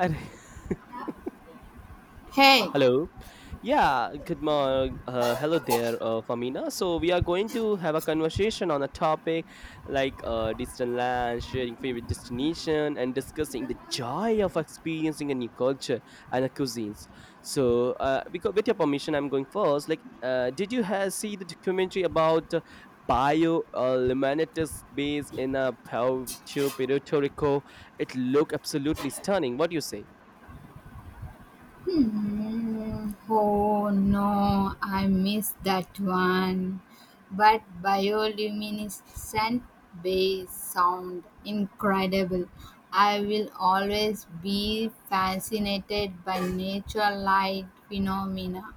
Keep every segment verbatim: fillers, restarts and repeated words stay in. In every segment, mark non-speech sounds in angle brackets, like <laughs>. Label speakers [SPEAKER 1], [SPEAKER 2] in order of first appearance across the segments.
[SPEAKER 1] अरे <laughs>
[SPEAKER 2] Hey.
[SPEAKER 1] hello. Yeah, good morning. Uh, hello there, uh, Famina. So we are going to have a conversation on a topic like uh, distant land, sharing favorite destination, and discussing the joy of experiencing a new culture and a cuisines. So, uh, because with your permission, I'm going first. Like, uh, did you ha- see the documentary about? Uh, Bio uh, Limanitis base in uh, Puerto Puerto Rico, it looked absolutely stunning. What do you say?
[SPEAKER 2] Hmm, oh no, I missed that one. But bioluminescent bass sound incredible. I will always be fascinated by natural light phenomena.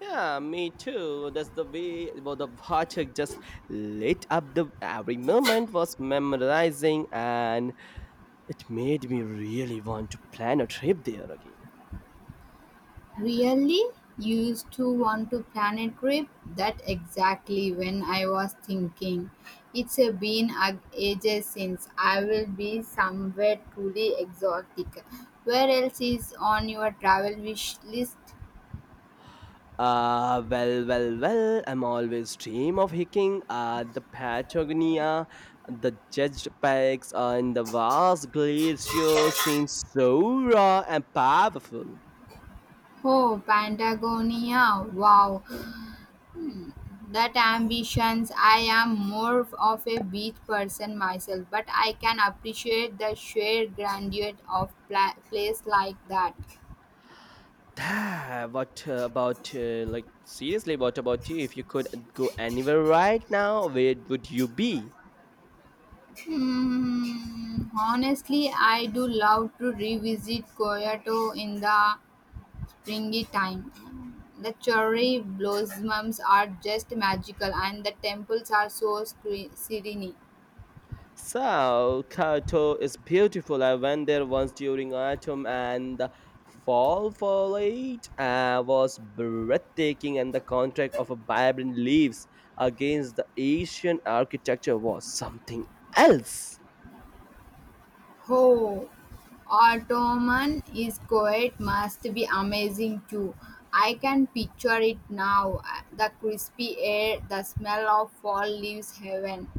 [SPEAKER 1] Yeah, me too. That's the way, well, the water just lit up, the every moment was memorizing and it made me really want to plan a trip there again.
[SPEAKER 2] Really? Used to want to plan a trip? That exactly when I was thinking. It's a been a- ages since I will be somewhere truly exotic. Where else is on your travel wish list?
[SPEAKER 1] Ah, well, well, well, I'm always dream of hiking at the Patagonia, the judged peaks and the vast glaciers seem so raw and powerful.
[SPEAKER 2] Oh, Patagonia. Wow. That ambitions. I am more of a beach person myself, but I can appreciate the sheer grandeur of pla- place like that.
[SPEAKER 1] Ah, what uh, about, uh, like, seriously, what about you? If you could go anywhere right now, where would you be?
[SPEAKER 2] Mm, honestly, I do love to revisit Kyoto in the springy time. The cherry blossoms are just magical, and the temples are so scre- serene.
[SPEAKER 1] So, Kyoto is beautiful. I went there once during autumn and the fall foliage uh, was breathtaking, and the contrast of a vibrant leaves against the Asian architecture was something else.
[SPEAKER 2] Oh, Ottoman is quiet must be amazing too. I can picture it now. The crispy air, the smell of fall leaves heaven.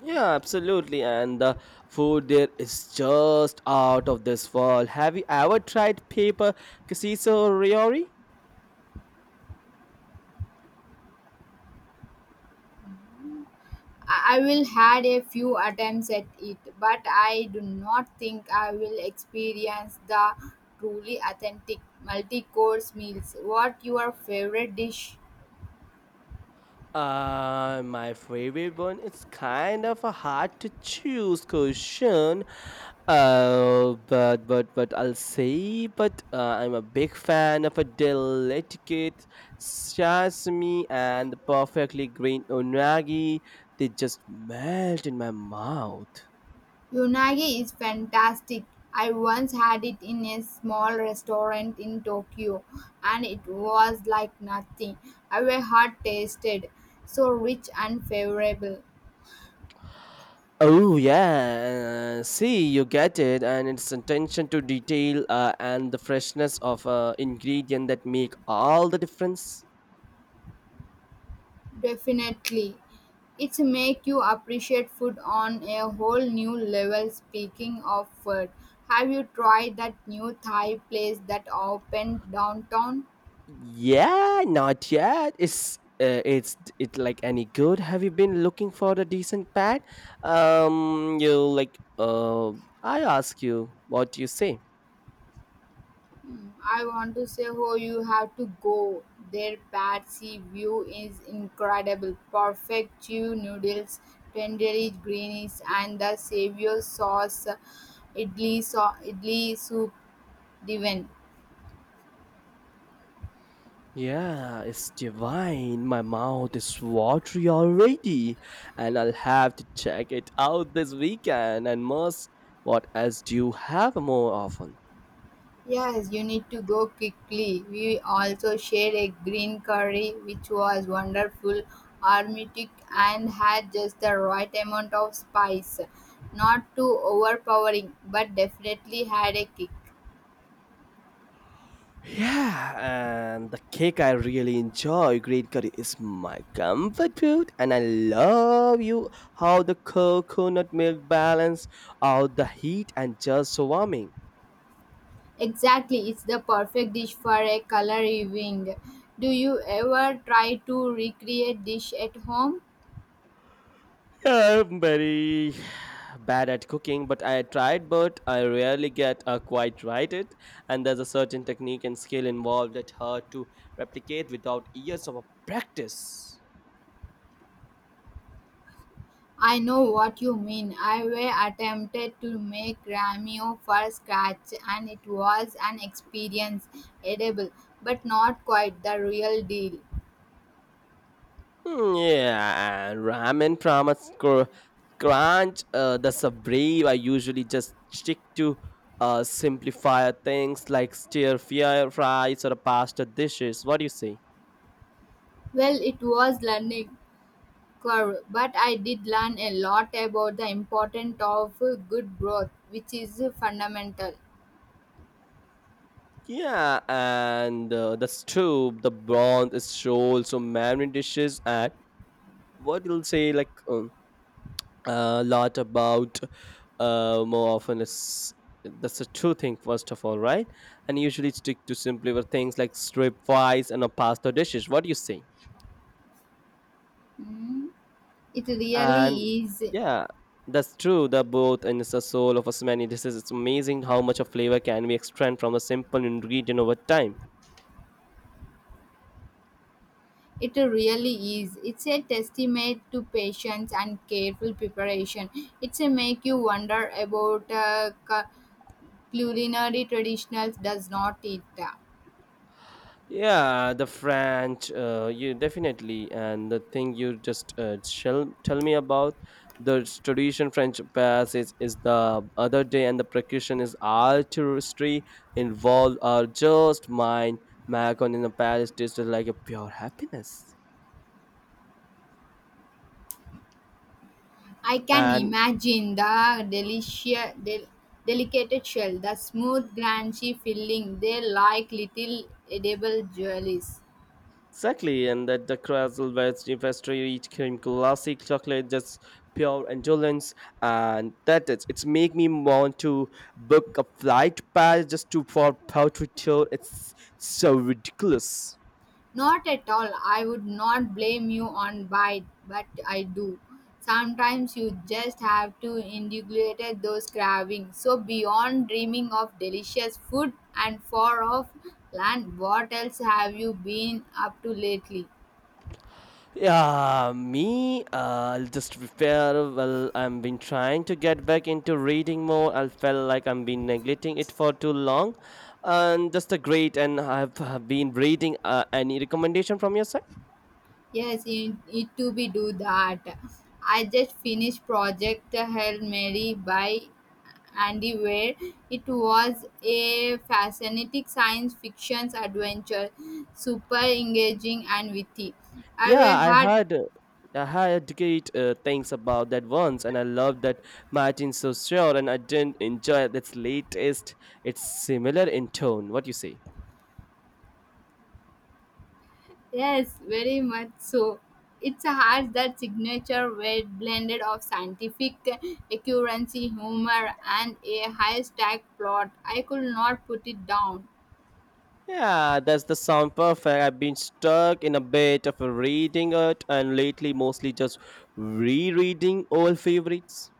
[SPEAKER 1] Yeah, absolutely. And the food there is just out of this world. Have you ever tried paper Kasiso Riori?
[SPEAKER 2] I I will had a few attempts at it, but I do not think I will experience the truly authentic multi-course meals. What your favorite dish?
[SPEAKER 1] Uh, my favorite one, it's kind of a hard to choose question. Uh, but but but I'll say, but uh, I'm a big fan of a delicate sashimi and the perfectly green unagi. They just melt in my mouth.
[SPEAKER 2] Unagi is fantastic. I once had it in a small restaurant in Tokyo and it was like nothing. I were had tasted, so rich and favorable.
[SPEAKER 1] Oh yeah, uh, see you get it, and it's attention to detail uh, and the freshness of uh, ingredient that make all the difference.
[SPEAKER 2] Definitely. It's make you appreciate food on a whole new level. Speaking of food, have you tried that new Thai place that opened downtown?
[SPEAKER 1] Yeah, not yet. It's uh, it's it like any good? Have you been looking for a decent pad? Um, you like uh, I ask you, what do you say?
[SPEAKER 2] Hmm, I want to say, oh, you have to go. Their bad sea view is incredible. Perfect chew noodles, tendery greenies, and the savior sauce, idli, so- idli soup, divin.
[SPEAKER 1] Yeah, it's divine. My mouth is watery already, and I'll have to check it out this weekend. And must, what else do you have more often?
[SPEAKER 2] Yes, you need to go quickly. We also shared a green curry which was wonderful, aromatic, and had just the right amount of spice. Not too overpowering, but definitely had a kick.
[SPEAKER 1] Yeah, and the cake I really enjoy, green curry, is my comfort food, and I love you how the coconut milk balance out the heat and just so warming.
[SPEAKER 2] Exactly, it's the perfect dish for a color evening. Do you ever try to recreate dish at home?
[SPEAKER 1] I'm very bad at cooking, but I tried, but I rarely get uh, quite right it, and there's a certain technique and skill involved that hard to replicate without years of practice.
[SPEAKER 2] I know what you mean. I were attempted to make Ramio for scratch and it was an experience, edible, but not quite the real deal.
[SPEAKER 1] Hmm, yeah, and ramen promise cr- crunch. Uh, the sabri I usually just stick to uh, simplifier things like stir fry fries or pasta dishes. What do you say?
[SPEAKER 2] Well, it was learning curve, but I did learn a lot about the importance of good growth, which is fundamental.
[SPEAKER 1] Yeah, and uh, the stew, the broth is so so many dishes, and what you'll say like um, a lot about uh, more often is that's a true thing, first of all, right, and usually stick to simpler things like strip fries and a pasta dishes. What do you say?
[SPEAKER 2] Mm, It
[SPEAKER 1] And
[SPEAKER 2] really is.
[SPEAKER 1] yeah, that's true, the both, and it's the soul of as many dishes. It's amazing how much of flavor can we extract from a simple ingredient over time.
[SPEAKER 2] It really is. It's a testament to patience and careful preparation. It's a make you wonder about uh, cu- culinary traditionals does not it.
[SPEAKER 1] Yeah, the French, uh, you definitely. And the thing you just uh, shall tell me about the tradition French pass is, is the other day, and the percussion is artistry involved are just mind. Macon in the Paris tasted like a pure happiness.
[SPEAKER 2] I can
[SPEAKER 1] And
[SPEAKER 2] imagine the delicious, del- delicate shell, the smooth, crunchy filling. They like little edible jewels.
[SPEAKER 1] exactly, and that the Castleware's pastry cream classic chocolate, just pure indulgence, and that is. It's make me want to book a flight pass just to for powder tour. It's so ridiculous.
[SPEAKER 2] Not at all. I would not blame you on bite, but I do. Sometimes you just have to indulge those cravings. So beyond dreaming of delicious food and far off land, what else have you been up to lately?
[SPEAKER 1] Yeah, me. Uh, I'll just be fair. Well, I've been trying to get back into reading more. I felt like I've been neglecting it for too long, and just a great. And I've, have been reading. Uh, any recommendation from your side?
[SPEAKER 2] Yes, you need to be do that. I just finished Project Hail Mary by Andy Weir. It was a fascinating science fiction adventure, super engaging and witty. I
[SPEAKER 1] Yeah,
[SPEAKER 2] were
[SPEAKER 1] I
[SPEAKER 2] hard,
[SPEAKER 1] heard uh, I heard great uh, things about that once, and I love that Martin's so sure, and I didn't enjoy its latest. It's similar in tone. What you say?
[SPEAKER 2] yes, very much so. It's a hard that signature were blended of scientific accuracy, humor, and a high-stack plot. I could not put it down.
[SPEAKER 1] Yeah, that's the sound perfect. I've been stuck in a bit of a reading it, and lately mostly just rereading old favorites.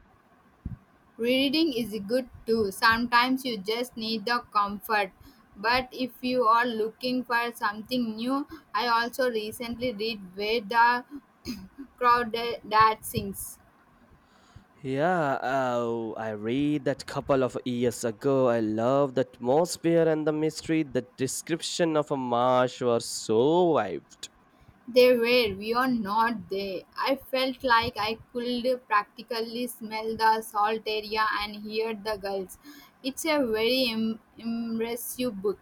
[SPEAKER 2] Reading is good too. Sometimes you just need the comfort. But if you are looking for something new, I also recently read Where the Crowd That Sings.
[SPEAKER 1] Yeah, oh, I read that couple of years ago. I love the atmosphere and the mystery. The description of a marsh was so vibed.
[SPEAKER 2] They were, we are not there. I felt like I could practically smell the salt area and hear the gulls. It's a very im- impressive book.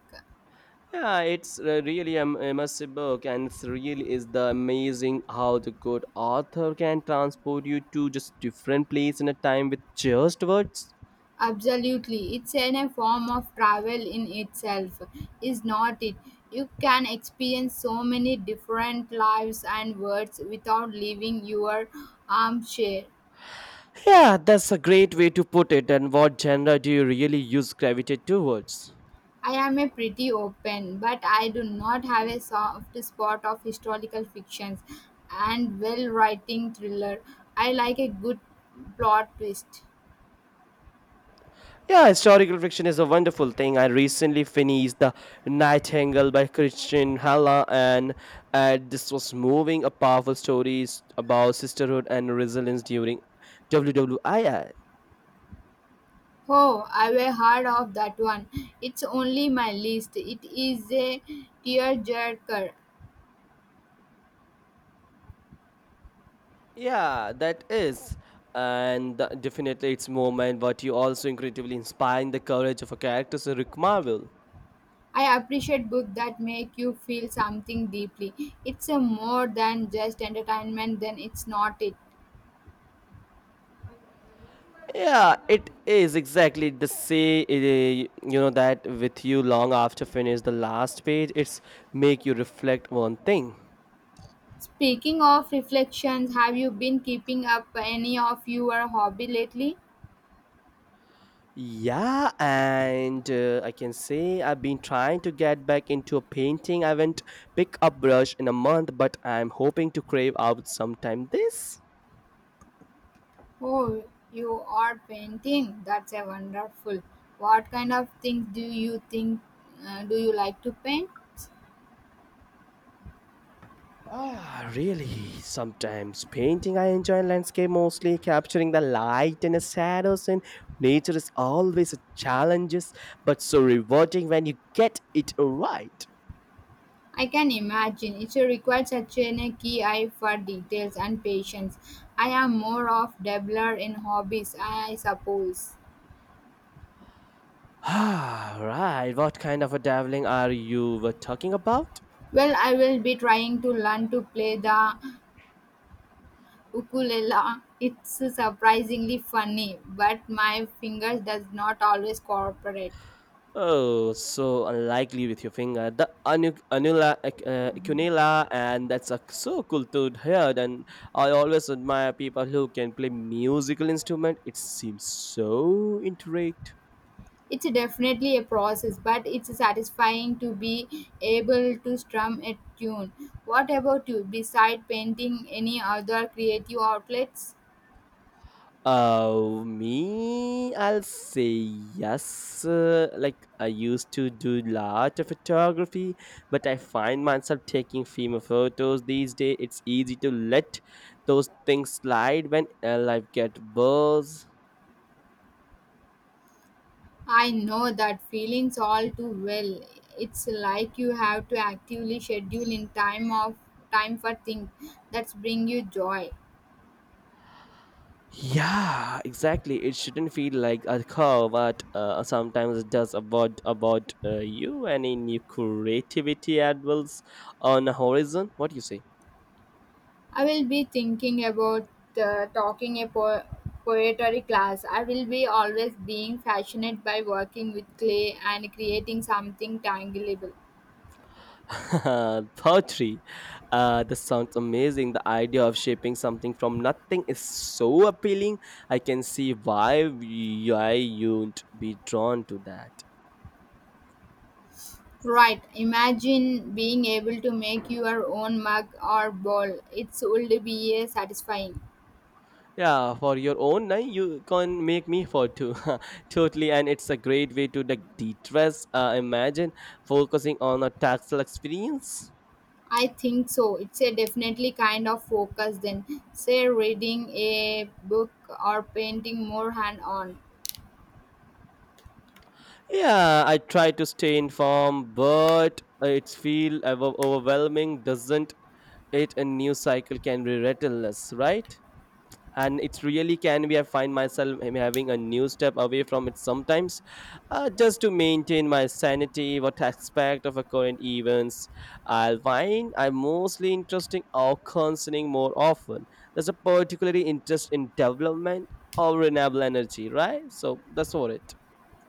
[SPEAKER 1] Yeah, it's a really an immersive book, and it's really is the amazing how the good author can transport you to just different place in a time with just words.
[SPEAKER 2] Absolutely, it's in a form of travel in itself, is not it? You can experience so many different lives and worlds without leaving your armchair.
[SPEAKER 1] Yeah, that's a great way to put it. And what genre do you really use gravitate towards?
[SPEAKER 2] I am a pretty open, but I do not have a soft spot of historical fictions and well writing thriller. I like a good plot twist.
[SPEAKER 1] Yeah, historical fiction is a wonderful thing. I recently finished The Nightingale by Christian Halla, and uh, this was moving a powerful story about sisterhood and resilience during World War Two.
[SPEAKER 2] Oh, I've heard of that one. It's only my list. It is a tearjerker.
[SPEAKER 1] Yeah, that is. And the- definitely its moment, but you also incredibly inspiring the courage of a character, so Rick Marvel.
[SPEAKER 2] I appreciate books that make you feel something deeply. It's a more than just entertainment, then it's not it.
[SPEAKER 1] Yeah, it is exactly the same. Eh, you know that with you long after finish the last page, it's make you reflect one thing.
[SPEAKER 2] Speaking of reflections, have you been keeping up any of your hobby lately?
[SPEAKER 1] Yeah, and uh, I can say I've been trying to get back into painting. I haven't picked up brush in a month, but I'm hoping to crave out sometime this.
[SPEAKER 2] Oh, you are painting. That's a wonderful. What kind of things do you think uh, do you like to paint?
[SPEAKER 1] Ah, really? Sometimes painting, I enjoy landscape mostly, capturing the light and the shadows, and nature is always a challenge, but so rewarding when you get it right.
[SPEAKER 2] I can imagine it requires such a key eye for details and patience. I am more of dabbler in hobbies, I suppose.
[SPEAKER 1] Ah, right. What kind of a dabbling are you were talking about?
[SPEAKER 2] Well, I will be trying to learn to play the ukulele. It's surprisingly funny, but my fingers does not always cooperate.
[SPEAKER 1] Oh, so unlikely with your finger. The anu- anula, ac- uh, cunilla, and that's a, so cool to hear. And I always admire people who can play musical instrument. It seems so intricate.
[SPEAKER 2] It's definitely a process, but it's satisfying to be able to strum a tune. What about you? Beside painting, any other creative outlets?
[SPEAKER 1] Oh, me, I'll say yes. Uh, like I used to do lot of photography, but I find myself taking female photos these days. It's easy to let those things slide when uh, life get buzz.
[SPEAKER 2] I know that feelings all too well. It's like you have to actively schedule in time of time for things that bring you joy.
[SPEAKER 1] Yeah, exactly. It shouldn't feel like a curve, but uh, sometimes it does about about uh, you and in your creativity advils on the horizon. What do you say?
[SPEAKER 2] I will be thinking about uh, talking a po- poetry class. I will be always being fascinated by working with clay and creating something tangible.
[SPEAKER 1] <laughs> Poetry. Uh, this sounds amazing. The idea of shaping something from nothing is so appealing. I can see why you- why you'd be drawn to that.
[SPEAKER 2] Right, imagine being able to make your own mug or bowl. It would be a satisfying.
[SPEAKER 1] Yeah, for your own, nah, you can make me for two. <laughs> Totally, and it's a great way to like de-stress. Uh, imagine focusing on a tactile experience.
[SPEAKER 2] I think so. It's a definitely kind of focus then. Say reading a book or painting more hand on.
[SPEAKER 1] Yeah, I try to stay informed, but it's feel over- overwhelming, doesn't it? A new cycle can be relentless, right? And it really can be, I find myself am having a new step away from it sometimes, uh, just to maintain my sanity. What aspect of a current events I'll find I'm mostly interesting or concerning more often? There's a particularly interest in development or renewable energy, right? So that's what it